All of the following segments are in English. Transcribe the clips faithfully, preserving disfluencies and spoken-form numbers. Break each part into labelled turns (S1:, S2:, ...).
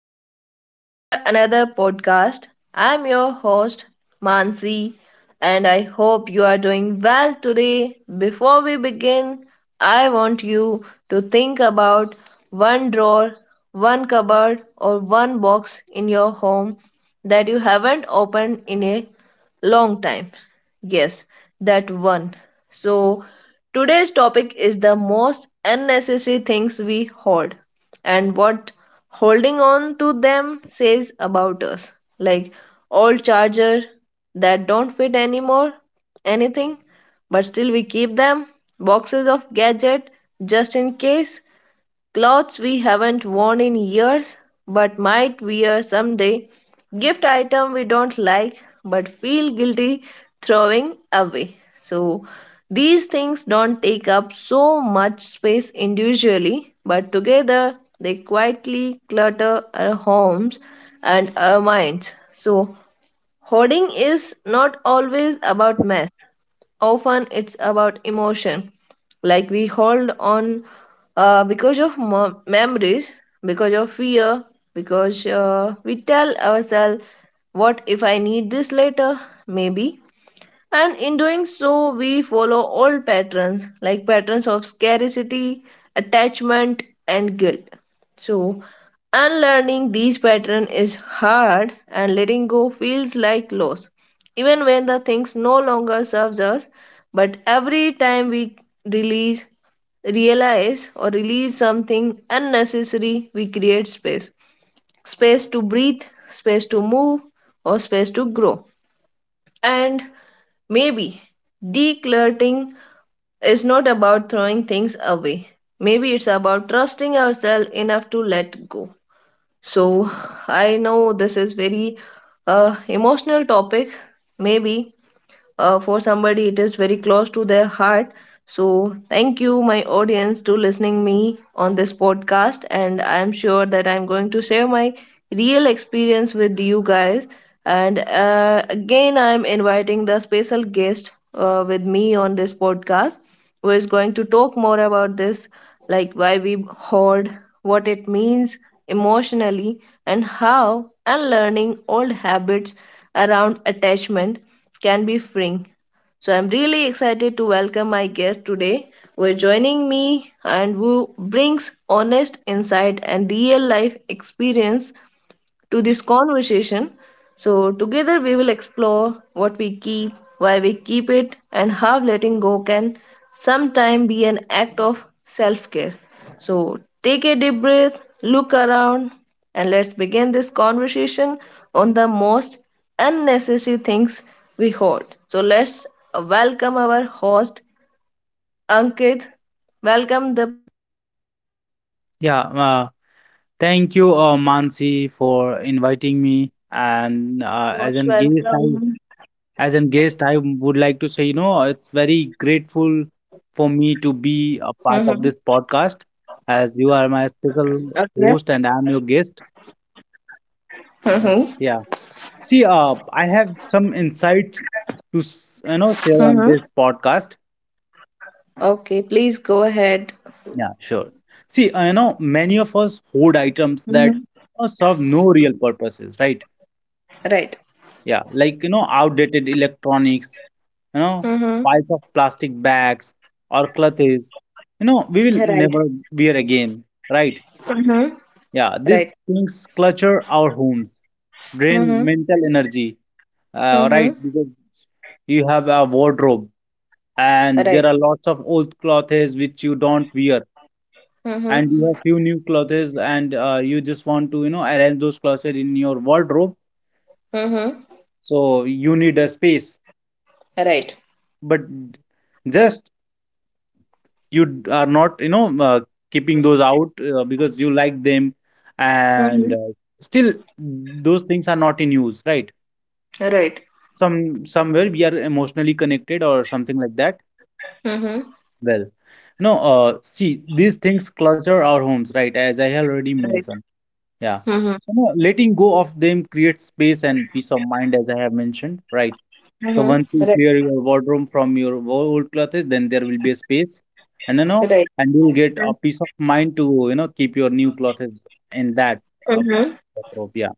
S1: welcome back to our another podcast. I'm your host Mansi, and I hope you are doing well today. Before we begin, I want you to think about one drawer, one cupboard or one box in your home that you haven't opened in a long time. Yes, that one. So, today's topic is the most unnecessary things we hoard and what holding on to them says about us. Like old charger that don't fit anymore, anything, but still we keep them, boxes of gadget just in case, clothes we haven't worn in years but might wear someday. Gift item we don't like but feel guilty throwing away. So these things don't take up so much space individually, but together they quietly clutter our homes and our minds. So hoarding is not always about mess. Often it's about emotion. Like we hold on uh, because of mo- memories, because of fear, because uh, we tell ourselves, what if I need this later? Maybe. And in doing so, we follow old patterns like patterns of scarcity, attachment, and guilt. So, unlearning these patterns is hard, and letting go feels like loss, even when the things no longer serves us. But every time we release, realize, or release something unnecessary, we create space, space to breathe, space to move, or space to grow. And maybe decluttering is not about throwing things away. Maybe it's about trusting ourselves enough to let go. So I know this is very uh, emotional topic. Maybe uh, for somebody, it is very close to their heart. So thank you, my audience, to listening me on this podcast. And I'm sure that I'm going to share my real experience with you guys. And uh, again, I'm inviting the special guest uh, with me on this podcast, who is going to talk more about this, like why we hoard, what it means emotionally, and how unlearning old habits around attachment can be freeing. So I'm really excited to welcome my guest today, who is joining me and who brings honest insight and real life experience to this conversation. So, together we will explore what we keep, why we keep it, and how letting go can sometimes be an act of self care. So, take a deep breath, look around, and let's begin this conversation on the most unnecessary things we hold. So, let's welcome our host, Ankit. Welcome the
S2: Yeah, uh, thank you, uh, Mansi, for inviting me. And
S1: most
S2: uh, as an
S1: welcome.
S2: guest, I as an guest, I would like to say, you know, it's very grateful for me to
S1: Mm-hmm.
S2: be a part of this podcast, as you are
S1: Okay.
S2: my special host and I'm your guest.
S1: Mm-hmm.
S2: Right. Yeah. See, uh, I have some insights to s- you
S1: Mm-hmm.
S2: know share on this podcast.
S1: Okay, please go ahead.
S2: Yeah, sure. See, uh, you know, many of us hoard items that
S1: Mm-hmm.
S2: you serve no real purposes, right?
S1: Right.
S2: Yeah, like you know, outdated electronics, you know,
S1: Mm-hmm.
S2: piles of plastic bags or clutters, you know, we will
S1: Right.
S2: never wear again, right?
S1: Mm-hmm.
S2: Yeah, these
S1: Right.
S2: things clutter our homes, drain
S1: Mm-hmm.
S2: mental energy, uh, right?
S1: Mm-hmm.
S2: Because you have a wardrobe and there
S1: Right.
S2: are lots of old clothes which you don't wear, and
S1: Mm-hmm.
S2: you have few new clothes, and uh, you just want to, you know, arrange those clothes in your wardrobe.
S1: Mm-hmm.
S2: So you need a space,
S1: Right.
S2: but just you d- are not you know uh, keeping those out uh, because you like them and
S1: Mm-hmm.
S2: uh, still those things are not in use, right?
S1: Right.
S2: Some somewhere we are emotionally connected or something like that.
S1: Mm-hmm.
S2: Well, no, uh, see, these things clutter our homes, right, as I have already
S1: Right.
S2: mentioned. Yeah.
S1: Mm-hmm.
S2: So no, letting go of them creates space and peace of mind, as I have mentioned, right? So
S1: Mm-hmm.
S2: once you
S1: Right,
S2: clear your wardrobe from your old clothes, then there will be a space, and you know,
S1: right.
S2: and you'll get a peace of mind to you know keep your new clothes in that uh,
S1: Mm-hmm.
S2: wardrobe. Yeah.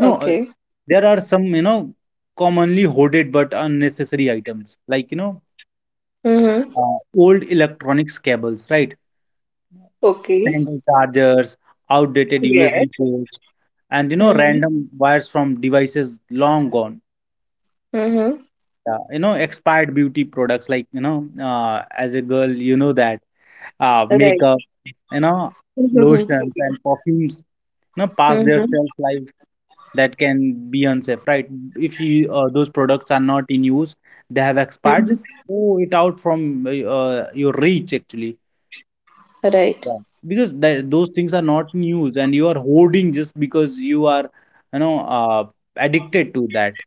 S2: No, uh, there are some you know commonly hoarded but unnecessary items like you know
S1: Mm-hmm.
S2: uh, old electronics cables, right?
S1: Okay.
S2: Tangled chargers, outdated
S1: Yes.
S2: U S B ports, and you know
S1: Mm-hmm.
S2: random wires from devices long gone.
S1: Mm-hmm.
S2: Yeah, you know expired beauty products like you know uh, as a girl you know that uh,
S1: Right.
S2: makeup, you know,
S1: Mm-hmm.
S2: lotions and perfumes, you know, past their
S1: Mm-hmm.
S2: shelf life that can be unsafe, right? If you uh, those products are not in use, they have expired.
S1: Mm-hmm.
S2: Just throw it out from uh, your reach actually.
S1: Right.
S2: Yeah. Because that, those things are not in use, and you are hoarding just because you are, you know, uh, addicted to that.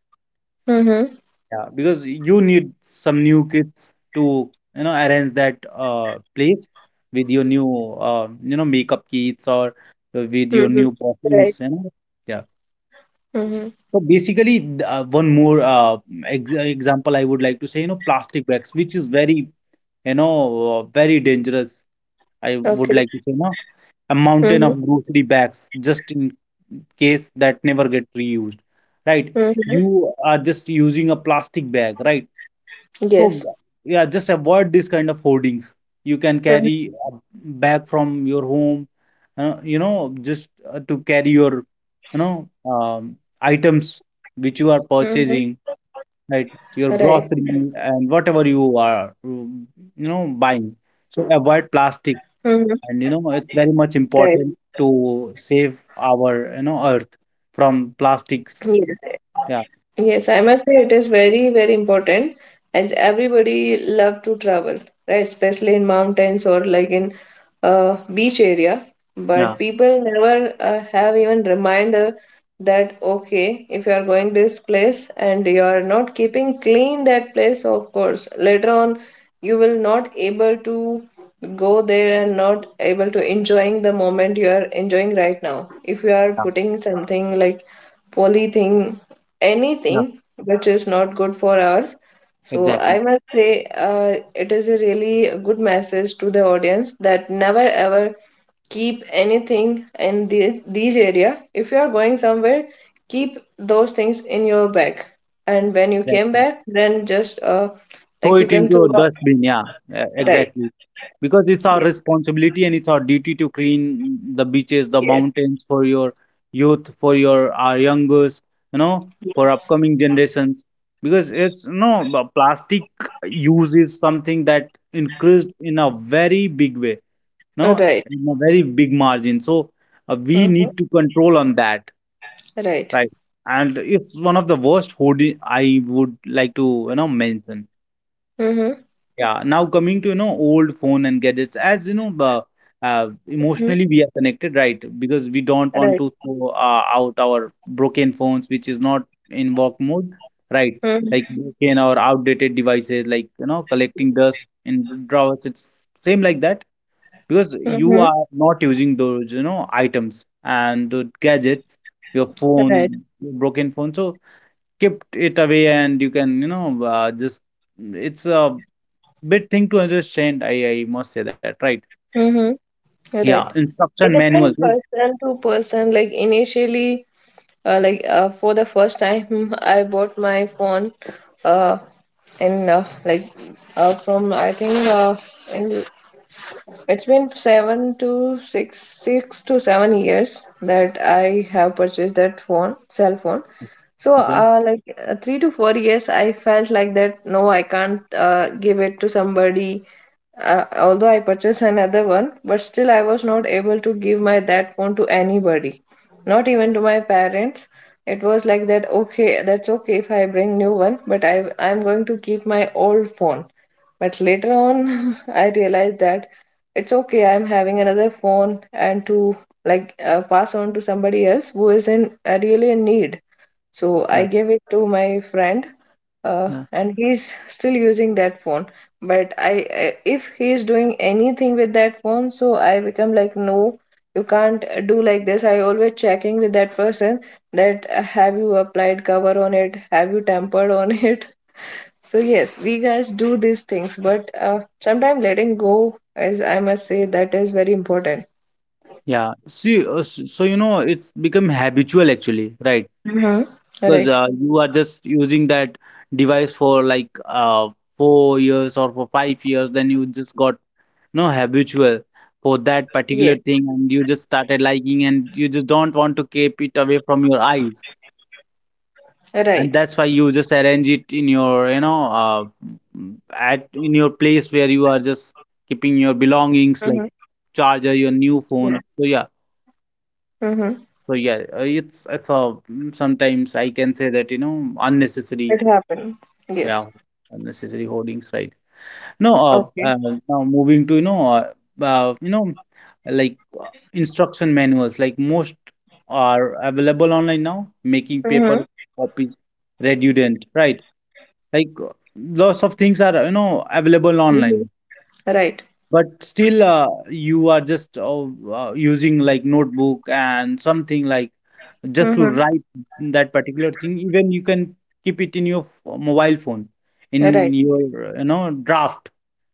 S1: Mm-hmm.
S2: Yeah, because you need some new kids to, you know, arrange that uh place with your new uh, you know, makeup kits or uh, with your
S1: Mm-hmm.
S2: new
S1: Right.
S2: perfumes, you know. Yeah.
S1: Mm-hmm.
S2: So basically, th- uh, one more uh ex uh, example I would like to say, you know, plastic bags, which is very, you know, uh, very dangerous. I would
S1: Okay.
S2: like to say, you know, a mountain
S1: Mm-hmm.
S2: of grocery bags just in case that never get reused, right?
S1: Mm-hmm.
S2: You are just using a plastic bag, right? So
S1: Yes.
S2: yeah, just avoid this kind of hoardings. You can
S1: Mm-hmm.
S2: carry a bag from your home, uh, you know, just uh, to carry your, you know, um, items which you are
S1: Mm-hmm.
S2: purchasing, right?
S1: Right.
S2: Your grocery and whatever you are, mm, you know, buying. So avoid
S1: Mm-hmm.
S2: plastic, and you know, it's
S1: Right.
S2: very much important to save our, you know, earth from
S1: Yes.
S2: plastics. Yeah,
S1: Yes, I must say it is very, very important as everybody love to travel, right? Especially in mountains or like in uh, beach area. But
S2: yeah,
S1: people never uh, have even reminder that okay, if you are going this place and you are not keeping clean that place, of course, later on you will not able to go there and not able to enjoying the moment you are enjoying right now. If you are
S2: yeah,
S1: putting something like polythene,
S2: yeah,
S1: anything which is not good for us. So I
S2: exactly.
S1: must say, uh, it is a really good message to the audience that never ever keep anything in the, these area. If you are going somewhere, keep those things in your bag, and when you came
S2: Exactly.
S1: back, then just uh,
S2: Throw
S1: like you
S2: it
S1: can
S2: into
S1: throw
S2: a
S1: out.
S2: dustbin, yeah. E-
S1: Right.
S2: exactly, because it's our
S1: Yes.
S2: responsibility and it's our duty to clean the beaches, the
S1: Yes.
S2: mountains for your youth, for your our youngers, you know, for upcoming generations, because it's no b- plastic use is something that increased in a very big way. No,
S1: Uh, Right.
S2: in a very big margin. So uh, we
S1: Mm-hmm.
S2: need to control on that,
S1: Right.
S2: right? And it's one of the worst hoarding, I would like to you know mention.
S1: Mm-hmm.
S2: Yeah, now coming to you know old phone and gadgets, as you know, uh, uh, emotionally we are connected, right? Because we don't want
S1: Right.
S2: to throw uh, out our broken phones, which is not in work mode, right? Like broken or outdated devices, like you know, collecting dust in drawers. It's same like that, because you
S1: Mm-hmm.
S2: are not using those, you know, items and the gadgets, your
S1: Right.
S2: phone, your broken phone. So kept it away, and you can you know uh, just it's a big thing to understand, I I must say that, right?
S1: Mm-hmm.
S2: Yeah,
S1: Right.
S2: instruction
S1: It
S2: manuals,
S1: depends
S2: right?
S1: person to person. Like initially, uh, like uh, for the first time, I bought my phone, uh, in uh, like uh, from I think uh, in it's been seven to six, six to seven years that I have purchased that phone, cell phone. So,
S2: Okay.
S1: uh, like uh, three to four years, I felt like that. No, I can't uh, give it to somebody. Uh, although I purchased another one, but still I was not able to give my that phone to anybody, not even to my parents. It was like that. Okay, that's okay if I bring new one, but I I'm going to keep my old phone but later on, I realized that it's okay, I'm having another phone and to like uh, pass on to somebody else who is in uh, really in need. So
S2: Yeah,
S1: I gave it to my friend, uh,
S2: yeah,
S1: and he's still using that phone. But I, I- if he's doing anything with that phone, so I become like, no, you can't do like this. I always checking with that person that uh, have you applied cover on it, have you tampered on it, so yes, we guys do these things, but uh, sometimes letting go, as I must say, that is very important.
S2: yeah. See, uh, s- so you know, it's become habitual actually, right?
S1: Mm-hmm.
S2: Because
S1: Right.
S2: uh, you are just using that device for like uh four years or for five years, then you just got no habitual for
S1: Yes.
S2: that particular thing, and you just started liking, and you just don't want to keep it away from your eyes.
S1: Right.
S2: And that's why you just arrange it in your you know uh, mm, at in your place where you are just keeping your
S1: Mm-hmm.
S2: belongings like charger, your
S1: Yeah.
S2: new phone. So yeah.
S1: Mm-hmm.
S2: So yeah, uh, it's it's a mm, sometimes I can say that you know
S1: It
S2: unnecessary,
S1: happened. Yes.
S2: yeah, unnecessary hoardings, right? No, uh,
S1: Okay.
S2: uh now moving to you know uh, uh you know like uh, instruction manuals, like most are available online now, making paper
S1: Mm-hmm.
S2: copies redundant, right? Like lots of things are you know available
S1: Mm-hmm.
S2: online,
S1: Right.
S2: but still uh, you are just uh, uh, using like notebook and something like just to
S1: Mm-hmm.
S2: write that particular thing. Even you can keep it in your f- mobile phone, in
S1: Right.
S2: your uh, you know draft.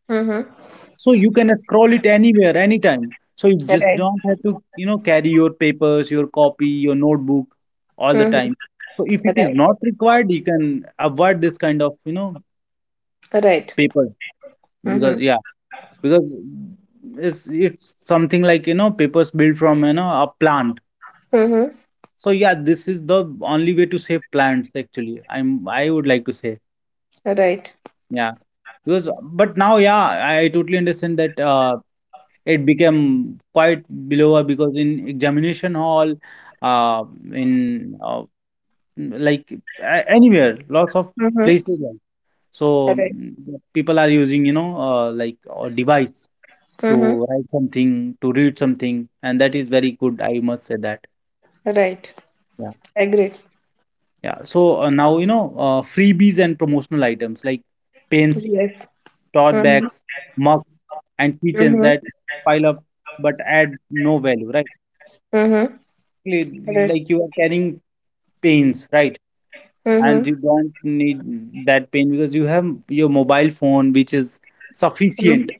S1: Mm-hmm.
S2: So you can scroll it anywhere, anytime. So you just
S1: Right.
S2: don't have to you know carry your papers, your copy, your notebook all the
S1: Mm-hmm.
S2: time. So if it is
S1: Right.
S2: not required, you can avoid this kind of you know
S1: Right.
S2: papers. Because
S1: Mm-hmm.
S2: yeah, because it's it's something like you know papers built from you know a plant.
S1: Mm-hmm.
S2: So yeah, this is the only way to save plants, actually, i'm I would like to say.
S1: Right.
S2: Yeah. Because, but now yeah, i, I totally understand that uh, it became quite below, because in examination hall, uh, in uh, like a- anywhere, lots of
S1: Mm-hmm.
S2: places like, so
S1: Right.
S2: mm, people are using you know uh, like a device to
S1: Mm-hmm.
S2: write something, to read something, and that is very good. I must say that.
S1: Right.
S2: Yeah,
S1: Agreed.
S2: yeah. So uh, now you know uh, freebies and promotional items like pens,
S1: Yes.
S2: tote
S1: Mm-hmm.
S2: bags, mugs, and keychains
S1: Mm-hmm.
S2: that pile up but add no value, right?
S1: Mm-hmm.
S2: Li-
S1: Right.
S2: Like you are carrying pens, right? And
S1: Mm-hmm.
S2: you don't need that pen because you have your mobile phone, which is sufficient.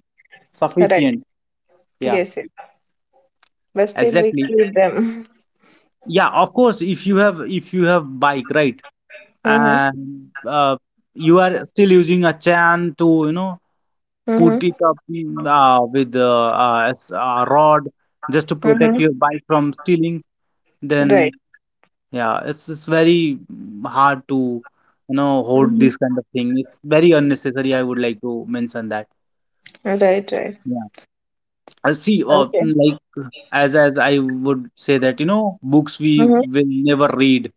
S1: Right.
S2: Sufficient. Yeah,
S1: Yes. But still we
S2: exactly.
S1: keep them.
S2: Yeah, of course. If you have if you have bike, right?
S1: Mm-hmm.
S2: And uh, you are still using a chain to you know put
S1: Mm-hmm.
S2: it up, mm, uh, with uh, uh, s- a rod, just to protect
S1: Mm-hmm.
S2: your bike from stealing. Then
S1: Right.
S2: yeah, it's, it's very mm, hard to you know hold
S1: Hmm.
S2: this kind of thing. It's very unnecessary, I would like to mention that.
S1: Right, right.
S2: Yeah, I see, uh,
S1: Okay.
S2: mm, like uh, as as I would say that you know books we
S1: Mm-hmm.
S2: will never read,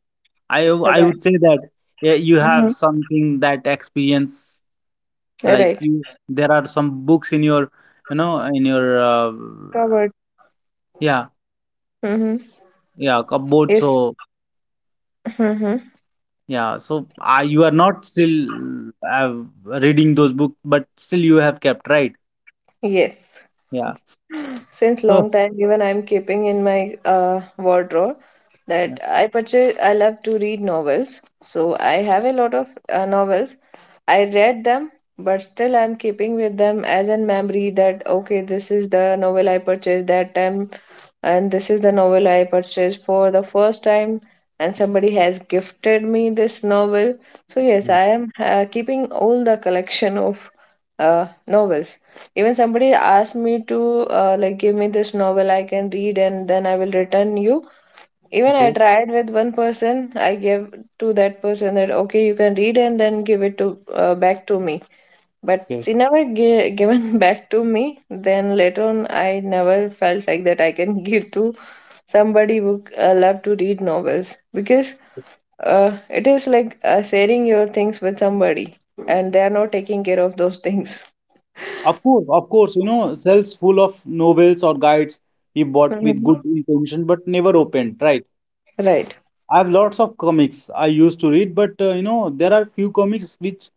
S2: i w- I
S1: Right.
S2: would say that. Yeah, you have
S1: Mm-hmm.
S2: something that experience, like
S1: Right.
S2: you there are some books in your you know in your uh,
S1: Covered.
S2: yeah
S1: Mm-hmm.
S2: yeah cupboard. So
S1: Yes. Mm-hmm.
S2: yeah, so uh, you are not still uh, reading those books, but still you have kept, right?
S1: Yes.
S2: Yeah.
S1: Since long
S2: So
S1: time, even I'm keeping in my uh, wardrobe
S2: yeah,
S1: that I purchase. I love to read novels, so I have a lot of uh, novels. I read them, but still I'm keeping with them as a memory that okay, this is the novel I purchased that time, and this is the novel I purchased for the first time, and somebody has gifted me this novel. So yes,
S2: yeah.
S1: I am uh, keeping all the collection of uh, novels. Even somebody asked me to uh, like give me this novel I can read and then I will return you. Even I
S2: Okay,
S1: tried with one person. I gave to that person that okay, you can read and then give it to uh, back to me. But
S2: okay.
S1: she never gi- given back to me. Then later on, I never felt like that I can give to somebody who uh, love to read novels because uh, it is like uh, sharing your things with somebody and they are not taking care of those things.
S2: Of course, of course, you know, shelves full of novels or guides we bought with
S1: Hmm.
S2: good intention but never opened, right?
S1: Right.
S2: I have lots of comics I used to read, but uh, you know, there are few comics which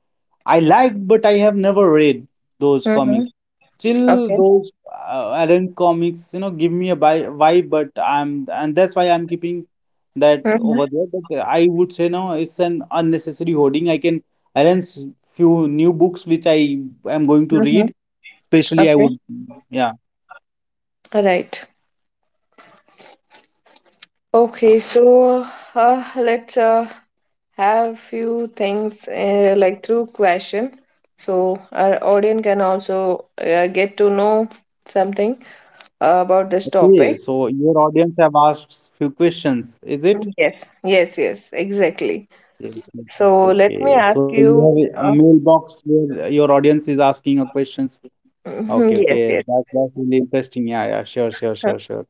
S2: I liked, but I have never read those
S1: Mm-hmm.
S2: comics. Still,
S1: Okay.
S2: those uh, Alan comics, you know, give me a bi- vibe, but I'm, and that's why I'm keeping that
S1: Mm-hmm.
S2: over there. But I would say no, it's an unnecessary hoarding. I can arrange few new books which I am going to
S1: Mm-hmm.
S2: read. Especially, I
S1: Okay.
S2: would, yeah.
S1: Right.
S2: Yeah.
S1: Okay, so uh, let's uh, have few things uh, like through question so our audience can also uh, get to know something uh, about this
S2: Okay,
S1: topic.
S2: so your audience have asked few questions, is it?
S1: Yes, yes, yes, exactly.
S2: Okay,
S1: So
S2: okay,
S1: let me
S2: okay.
S1: ask
S2: So you
S1: you
S2: have a a
S1: uh,
S2: mailbox where your audience is asking a questions.
S1: mhm,
S2: Okay,
S1: yes,
S2: okay.
S1: yes.
S2: That, that's really interesting. Yeah, yeah, sure, sure, sure, sure.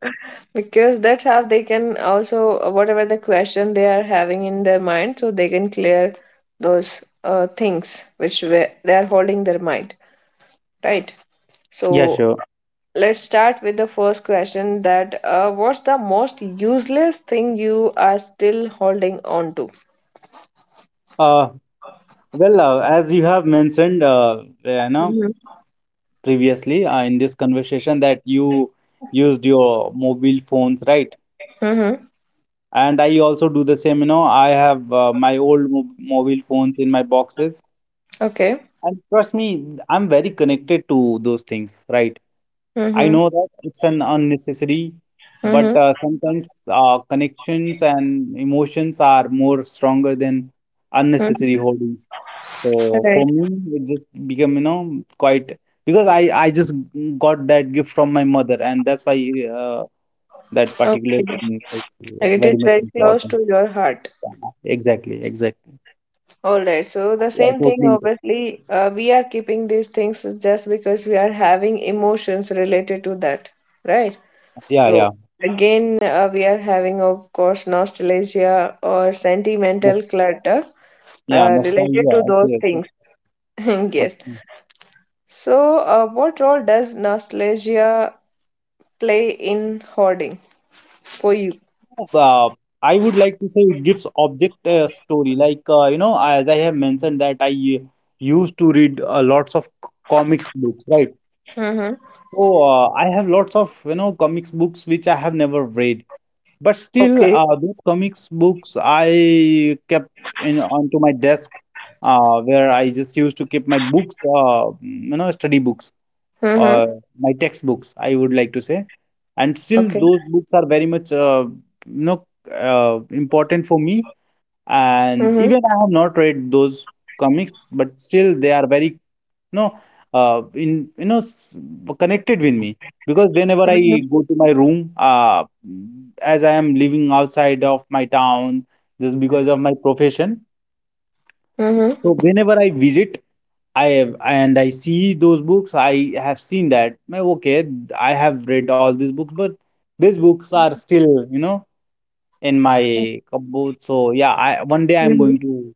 S1: Because that's how they can also, whatever the question they are having in their mind, so they can clear those uh, things which were, they are holding their mind, right?
S2: Yeah,
S1: So
S2: sure.
S1: let's start with the first question that uh, what's the most useless thing you are still holding on to?
S2: Uh, well, uh, as you have mentioned, uh, eh, you know,
S1: Mm-hmm.
S2: previously uh, in this conversation that you used your mobile phones, right?
S1: Mm-hmm.
S2: And I also do the same, you know, I have uh, my old mo mobile phones in my boxes.
S1: Okay.
S2: And trust me, I'm very connected to those things, right? I
S1: Mm-hmm.
S2: know that it's an unnecessary, but
S1: Mm-hmm.
S2: uh, sometimes uh, connections and emotions are more stronger than unnecessary
S1: Mm-hmm.
S2: holdings. So
S1: Right.
S2: for me, it just become, you know, quite, because I I just got that gift from my mother, and that's why uh, that particular
S1: Okay. Like,
S2: thing is
S1: it is
S2: very much
S1: very close
S2: important.
S1: to your heart.
S2: Yeah, exactly, exactly.
S1: All right, so the
S2: Yeah, I
S1: same thing,
S2: totally.
S1: obviously, uh, we are keeping these things just because we are having emotions related to that, right?
S2: Yeah,
S1: So,
S2: yeah.
S1: again, uh, we are having, of course, nostalgia or sentimental
S2: Nos-
S1: clutter
S2: Yeah,
S1: uh, related
S2: nostalgia.
S1: to those
S2: Okay, okay.
S1: things. Yes.
S2: Okay.
S1: So, uh, what role does nostalgia play in hoarding for you?
S2: Uh, I would like to say it gives object uh, story. Like uh, you know, as I have mentioned that I uh, used to read uh, lots of c- comics books, right?
S1: Mm-hmm.
S2: So uh, I have lots of you know comics books which I have never read, but still
S1: Okay.
S2: uh, those comics books I kept in onto my desk, uh, where I just used to keep my books, uh, you know, study books.
S1: Mm-hmm.
S2: Or my textbooks, I would like to say. And still,
S1: Okay.
S2: those books are very much, uh, you know, uh, important for me. And
S1: Mm-hmm.
S2: even I have not read those comics, but still, they are very, you know, uh, in you know, s- connected with me because whenever I
S1: Mm-hmm.
S2: go to my room, uh, as I am living outside of my town, just because of my profession.
S1: Mm-hmm.
S2: So whenever I visit I have and I see those books. I have seen that. "Meh, okay, I have read all these books, but these books are still, you know, in my cupboard. So yeah, I one day I'm
S1: Mm-hmm.
S2: going to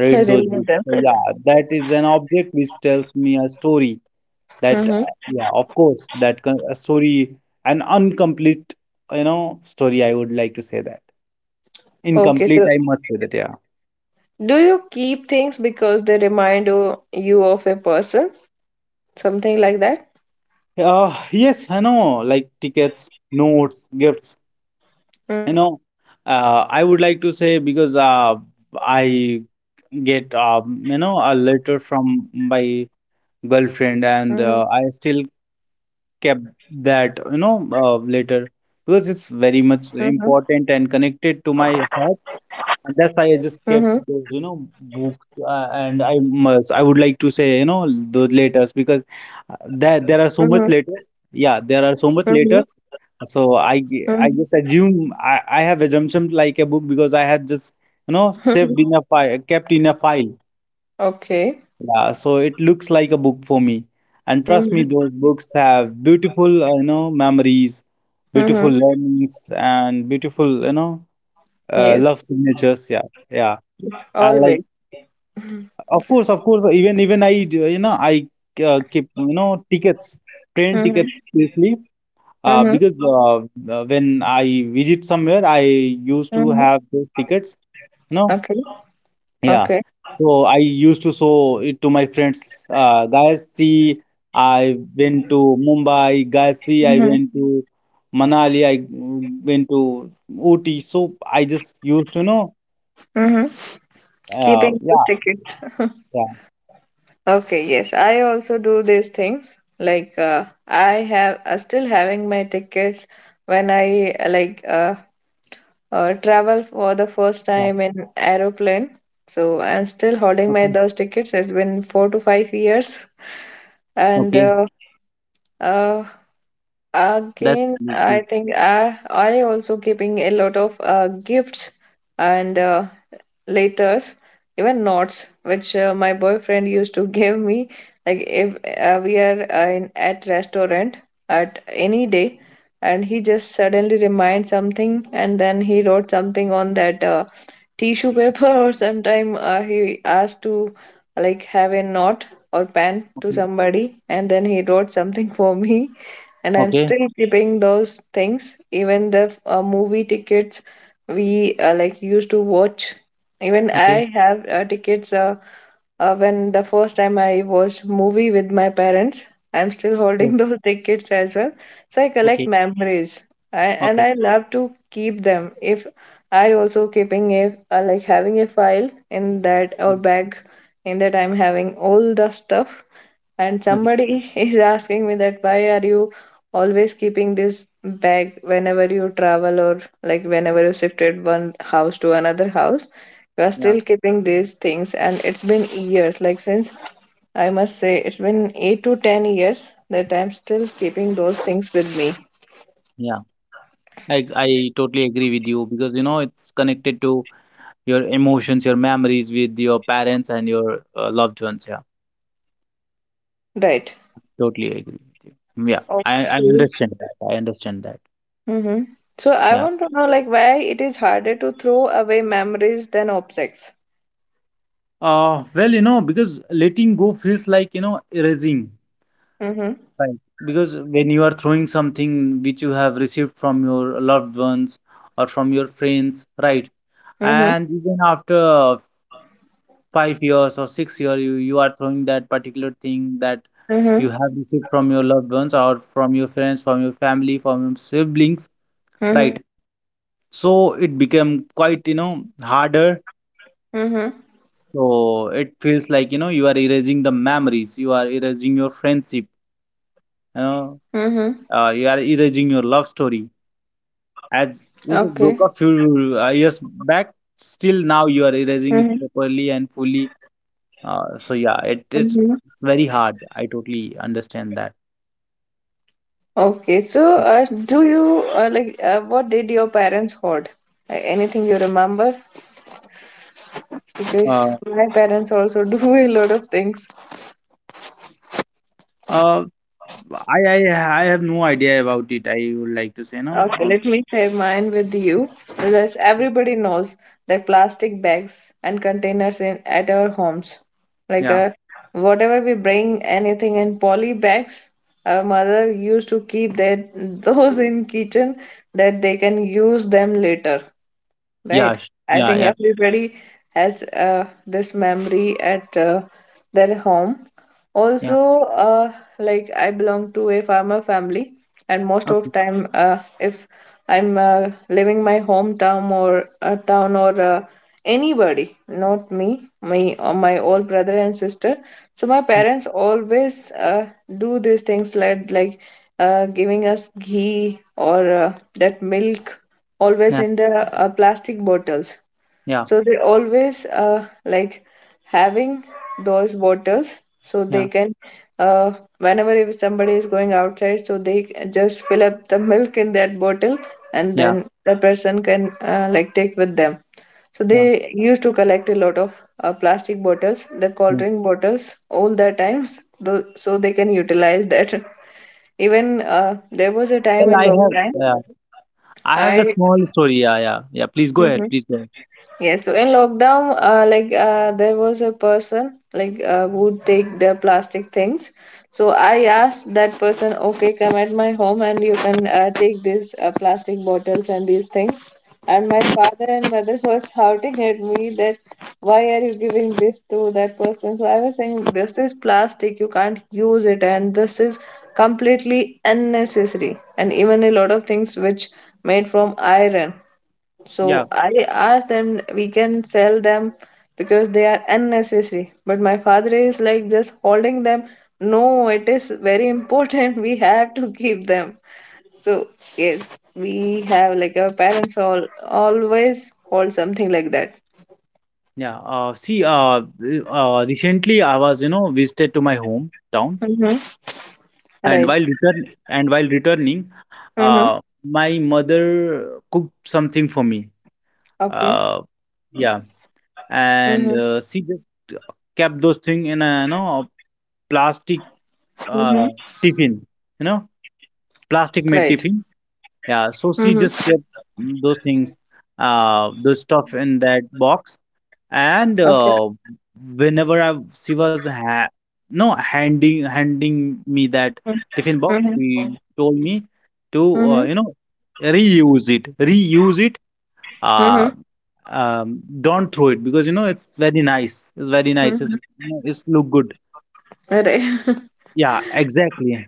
S2: those
S1: Remove
S2: books.
S1: them.
S2: So yeah, that is an object which tells me a story. That
S1: Mm-hmm.
S2: uh, yeah, of course, that co- a story, an incomplete, you know, story. I would like to say that
S1: Okay,
S2: incomplete.
S1: so
S2: I must say that. Yeah.
S1: do you keep things because they remind you, you of a person? Something like that?
S2: Uh, yes, I know. Like tickets, notes, gifts. You know, uh, I would like to say because uh, I get um, you know a letter from my girlfriend,
S1: Mm-hmm.
S2: and uh, I still kept that you know uh, letter because it's very
S1: Mm-hmm.
S2: much important and connected to my heart. And that's
S1: Mm-hmm.
S2: why I just kept those, you know, books. Uh, and I must, I would like to say, you know, those letters because uh, there
S1: Mm-hmm.
S2: there are so much letters. Yeah, there are
S1: Mm-hmm.
S2: so much letters. So I
S1: Mm-hmm.
S2: g- I just assume I, I have assumption like a book because I had just you know saved in a file, kept in a file.
S1: Okay.
S2: Yeah, so it looks like a book for me. And trust
S1: Mm-hmm.
S2: me, those books have beautiful, uh, you know, memories, beautiful
S1: Mm-hmm.
S2: learnings, and beautiful, you know, uh,
S1: Yes,
S2: love signatures. Yeah, yeah. I like.
S1: always. Mm-hmm.
S2: Of course, of course. Even even I, do- you know, I uh, keep you know tickets, train
S1: Mm-hmm.
S2: tickets seriously. Uh,
S1: Mm-hmm.
S2: because uh, uh, when I visit somewhere, I used to
S1: Mm-hmm.
S2: have those tickets. No,
S1: Okay.
S2: yeah.
S1: Okay.
S2: So I used to show it to my friends. Uh, guys, see, I went to Mumbai. Guys, see, I
S1: Mm-hmm.
S2: went to Manali. I mm, went to Ooty. So I just used to know.
S1: Mm-hmm.
S2: Uh,
S1: Keeping those
S2: yeah,
S1: tickets.
S2: yeah,
S1: Okay, yes. I also do these things. Like uh, I have uh, still having my tickets when I uh, like uh, uh, travel for the first
S2: yeah.
S1: time in aeroplane. So I'm still holding
S2: Okay,
S1: my those tickets. It's been four to five years, and
S2: okay.
S1: uh, uh,
S2: That's
S1: again
S2: really cool.
S1: I think I I also keeping a lot of uh, gifts and uh, letters, even notes, which uh, my boyfriend used to give me. Like if uh, we are uh, in at restaurant at any day, and he just suddenly reminds something, and then he wrote something on that. Uh, tissue paper or sometime uh, he asked to like have a knot or pen to somebody and then he wrote something for me, and I'm
S2: Okay,
S1: still keeping those things, even the uh, movie tickets we uh, like used to watch. Even
S2: okay,
S1: I have uh, tickets uh, uh, when the first time I watched movie with my parents. I'm still
S2: yes,
S1: holding those tickets as well. So I collect
S2: okay,
S1: memories. I, and
S2: okay,
S1: I love to keep them. If I also keeping a uh, like having a file in that or
S2: mm,
S1: bag in that I'm having all the stuff, and
S2: okay.
S1: somebody is asking me that why are you always keeping this bag whenever you travel, or like whenever you shifted one house to another house, you are
S2: Yeah,
S1: still keeping these things, and it's been years, like since I must say it's been eight to ten years that I'm still keeping those things with me.
S2: yeah. I I totally agree with you because you know it's connected to your emotions, your memories with your parents and your uh, loved ones. Yeah,
S1: Right.
S2: totally agree with you. Mm, yeah, I I
S1: Okay.
S2: understand that. I understand that.
S1: Mm-hmm. So I
S2: Yeah.
S1: want to know, like, why it is harder to throw away memories than objects.
S2: Uh, well, you know, because letting go feels like you know erasing,
S1: Mm-hmm.
S2: right? Because when you are throwing something which you have received from your loved ones or from your friends, right?
S1: Mm-hmm.
S2: And even after five years or six year you, you are throwing that particular thing that you
S1: Mm-hmm.
S2: have received from your loved ones or from your friends, from your family, from your siblings,
S1: Mm-hmm.
S2: right? So it became quite you know harder.
S1: Mm-hmm.
S2: So it feels like you know you are erasing the memories, you are erasing your friendship, you
S1: Mm-hmm.
S2: know, uh, you are erasing your love story
S1: Okay.
S2: as this is broke a few uh, years back. Still
S1: Mm-hmm.
S2: now you are erasing it properly and fully. uh, so yeah,
S1: Mm-hmm.
S2: it is, it's very hard. I totally understand that.
S1: Okay. So, uh, do you uh, like uh, what did your parents hoard? Uh, anything you remember? Because
S2: Uh,
S1: my parents also do a lot of things.
S2: uh, I, I I have no idea about it. I would like to say no.
S1: Okay,
S2: Uh,
S1: let me share mine with you. Because everybody knows that plastic bags and containers in at our homes, like
S2: yeah,
S1: uh, whatever we bring anything in poly bags, our mother used to keep that those in kitchen that they can use them later.
S2: yeah,
S1: Right.
S2: sh-
S1: I
S2: yeah,
S1: think
S2: yeah,
S1: everybody has uh, this memory at uh, their home.
S2: yeah.
S1: Also, uh, like I belong to a farmer family, and most
S2: Okay.
S1: of time, uh, if I'm uh, leaving my hometown or a town or uh, anybody, not me, my or my old brother and sister, so my
S2: Mm,
S1: parents always uh, do these things like like uh, giving us ghee or uh, that milk always
S2: yeah,
S1: in the uh, plastic bottles.
S2: yeah,
S1: So they always uh, like having those bottles so they
S2: yeah,
S1: can, uh, whenever if somebody is going outside, so they c- just fill up the milk in that bottle and
S2: yeah,
S1: then the person can uh, like take with them. So
S2: yeah,
S1: they used to collect a lot of uh, plastic bottles, the cold
S2: yeah.
S1: drink bottles, all the times, tho- so they can utilize that. Even uh, there was a
S2: Well,
S1: time in
S2: I have,
S1: lockdown,
S2: yeah, I have a
S1: I
S2: small story. Yeah, yeah, yeah. Please go ahead.
S1: Mhm.
S2: Please go ahead.
S1: Yes, so in lockdown, uh, like uh, there was a person like uh, would take the plastic things. So I asked that person, okay, come at my home and you can uh, take these uh, plastic bottles and these things. And my father and mother were shouting at me that why are you giving this to that person? So I was saying this is plastic, you can't use it, and this is completely unnecessary. And even a lot of things which made from iron.
S2: Yeah,
S1: So I asked them, we can sell them because they are unnecessary. But my father is like just holding them. No, it is very important. We have to keep them. So yes, we have like our parents all always hold something like that.
S2: yeah. Uh, see, uh, uh, recently I was, you know, visited to my hometown,
S1: Mm-hmm.
S2: and
S1: Right.
S2: while return and while returning,
S1: Mm-hmm.
S2: uh, my mother cooked something for me.
S1: Okay.
S2: Uh, yeah.
S1: Mm-hmm.
S2: And uh, she just kept those thing in a you know plastic
S1: Mm-hmm.
S2: uh, tiffin, you know,
S1: Right.
S2: plastic made tiffin. Yeah, so
S1: Mm-hmm.
S2: she just kept, mm, those things, uh those stuff in that box. And
S1: Okay.
S2: uh, whenever I, she was ha- no handing handing me that tiffin box,
S1: Mm-hmm.
S2: she told me to uh,
S1: Mm-hmm.
S2: you know reuse it reuse it.
S1: Mm-hmm.
S2: uh, um, not throw it because you know it's very nice. It's very nice. It's
S1: Mm-hmm.
S2: you know, it's look good.
S1: Right.
S2: Yeah, exactly,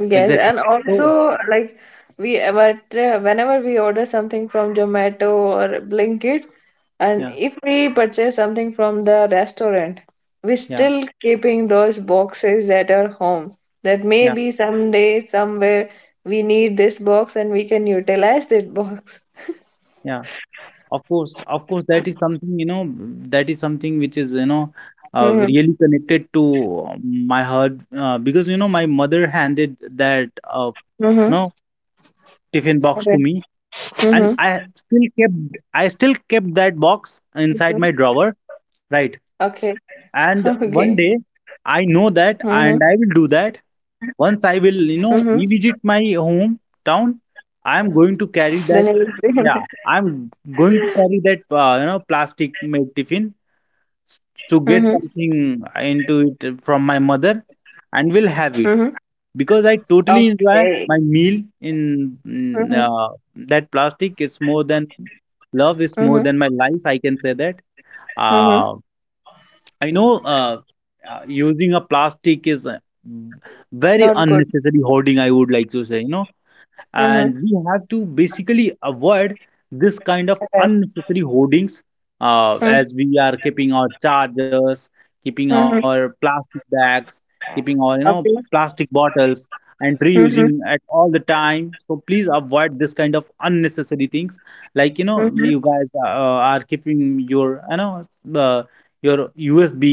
S1: Yes,
S2: exactly.
S1: and
S2: So
S1: also like we ever whenever we order something from Zomato or Blinkit, and
S2: yeah,
S1: if we purchase something from the restaurant, we
S2: yeah,
S1: still keeping those boxes at our home. That
S2: yeah,
S1: maybe someday somewhere we need this box and we can utilize that box.
S2: yeah. Of course, of course, that is something you know. That is something which is you know uh,
S1: Mm-hmm.
S2: really connected to uh, my heart uh, because you know my mother handed that uh, you
S1: Mm-hmm.
S2: know tiffin box to
S1: Okay.
S2: me, and I
S1: Mm-hmm.
S2: still kept I still kept that box inside my drawer, right?
S1: Okay.
S2: And
S1: Okay.
S2: one day I
S1: Mm-hmm.
S2: know that, and I will do that. Once I
S1: Mm-hmm.
S2: will you know revisit my hometown, I am
S1: Then it
S2: going to
S1: will
S2: carry that
S1: be.
S2: yeah, I'm going to carry that uh, you know plastic made tiffin
S1: Mm-hmm.
S2: to get something into it from my mother and will
S1: Mm-hmm.
S2: have it because I totally
S1: Okay.
S2: enjoy my meal in
S1: Mm-hmm.
S2: mm, uh, that plastic. Is more than love, is more than my life, I can say that. uh,
S1: Mhm.
S2: I know uh, uh, using a plastic is uh, very
S1: Not good.
S2: unnecessary hoarding, I would like to say, you know, and we
S1: Mhm.
S2: have to basically avoid this kind of
S1: Alright.
S2: unnecessary hoardings, uh, as we
S1: Mm.
S2: are keeping our chargers, keeping our plastic
S1: Mhm.
S2: bags, keeping our you know plastic
S1: Okay.
S2: bottles, and reusing at
S1: Mhm.
S2: all the time. So please avoid this kind of unnecessary things, like you know you guys
S1: Mhm.
S2: uh, are keeping your you know uh, your usb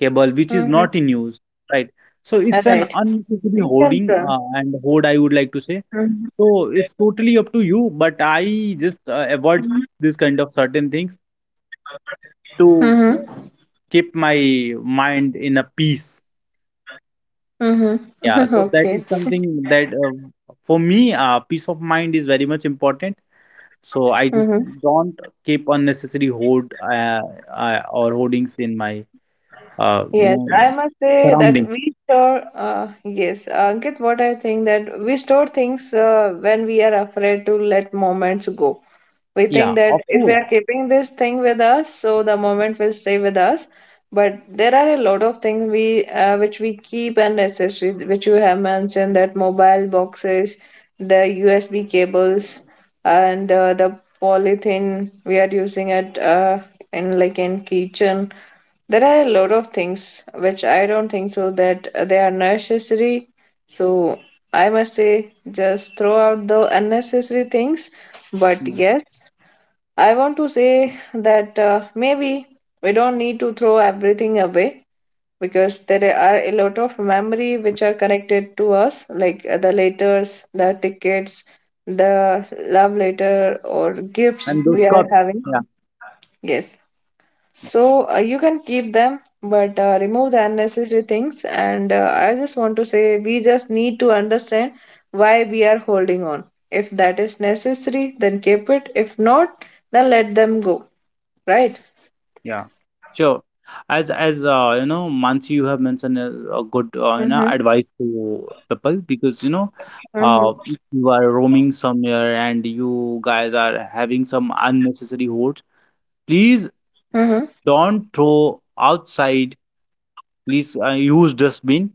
S2: cable which is not in
S1: Mhm.
S2: use, right? So it's an
S1: Alright.
S2: unnecessary
S1: We
S2: hoarding,
S1: can.
S2: uh,
S1: pro-
S2: and hoard I would like to say.
S1: Mhm.
S2: So it's totally up to you, but I just uh, avoid
S1: Mhm.
S2: this kind of certain things to
S1: Mhm.
S2: keep my mind in a peace.
S1: Mhm.
S2: Yeah, so that
S1: Okay.
S2: is something that uh, for me, uh, peace of mind is very much important. So I just
S1: Mhm.
S2: don't keep unnecessary hoard uh, uh, or hoardings in my uh, you
S1: Yes,
S2: know
S1: I must say
S2: surrounding.
S1: that we store, uh, yes, Ankit, what I think that we store things uh, when we are afraid to let moments go. We think
S2: Yeah,
S1: that
S2: of
S1: if we are
S2: course.
S1: keeping this thing with us, so the moment will stay with us. But there are a lot of things we uh, which we keep and accessory, which you have mentioned, that mobile boxes, the U S B cables, and uh, the polythene we are using at uh, in like in kitchen, there are a lot of things which I don't think so that uh, they are necessary. So I must say, just throw out the unnecessary things. But
S2: Yeah.
S1: yes, I want to say that uh, maybe we don't need to throw everything away because there are a lot of memory which are connected to us, like uh, the letters, the tickets, the love letter, or gifts
S2: And those
S1: we are
S2: cups.
S1: having.
S2: Yeah.
S1: Yes. So uh, you can keep them, but uh, remove the unnecessary things. And uh, I just want to say we just need to understand why we are holding on. If that is necessary, then keep it. If not, then let them go. Right?
S2: Yeah, sure. As as uh, you know, Mansi, you have mentioned a, a good uh, you know
S1: Mm-hmm.
S2: advice to people because you know,
S1: Mm-hmm.
S2: uh, if you are roaming somewhere and you guys are having some unnecessary hoards, please
S1: Mm-hmm.
S2: don't throw outside. Please uh, use dustbin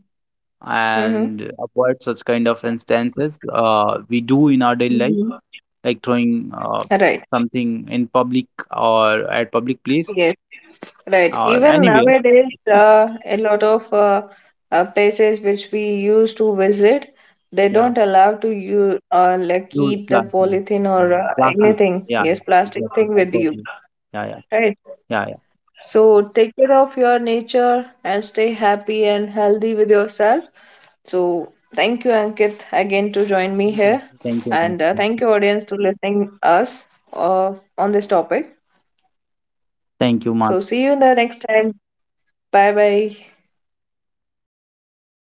S2: and
S1: Mm-hmm.
S2: avoid such kind of instances. Uh, we do in our daily life,
S1: Mm-hmm.
S2: like throwing uh,
S1: Right.
S2: something in public or at public place
S1: Yes.
S2: or anywhere.
S1: Right. Even nowadays, uh, a lot of uh, uh, places which we used to visit,
S2: Yeah.
S1: they don't allow to you uh, like
S2: Use
S1: keep the
S2: plastic.
S1: polythene or
S2: Mm.
S1: uh,
S2: Plastic.
S1: anything.
S2: Yeah,
S1: Yes,
S2: yeah,
S1: plastic
S2: exactly.
S1: thing
S2: I
S1: with
S2: got
S1: you.
S2: you. Yeah, yeah,
S1: Right.
S2: yeah, yeah.
S1: So take care of your nature and stay happy and healthy with yourself. So thank you, Ankit, again to join me
S2: Thank you,
S1: here,
S2: thank you.
S1: and uh, thank you, audience, to listening us uh, on this topic.
S2: Thank you, Mark.
S1: So see you in the next time. Bye bye.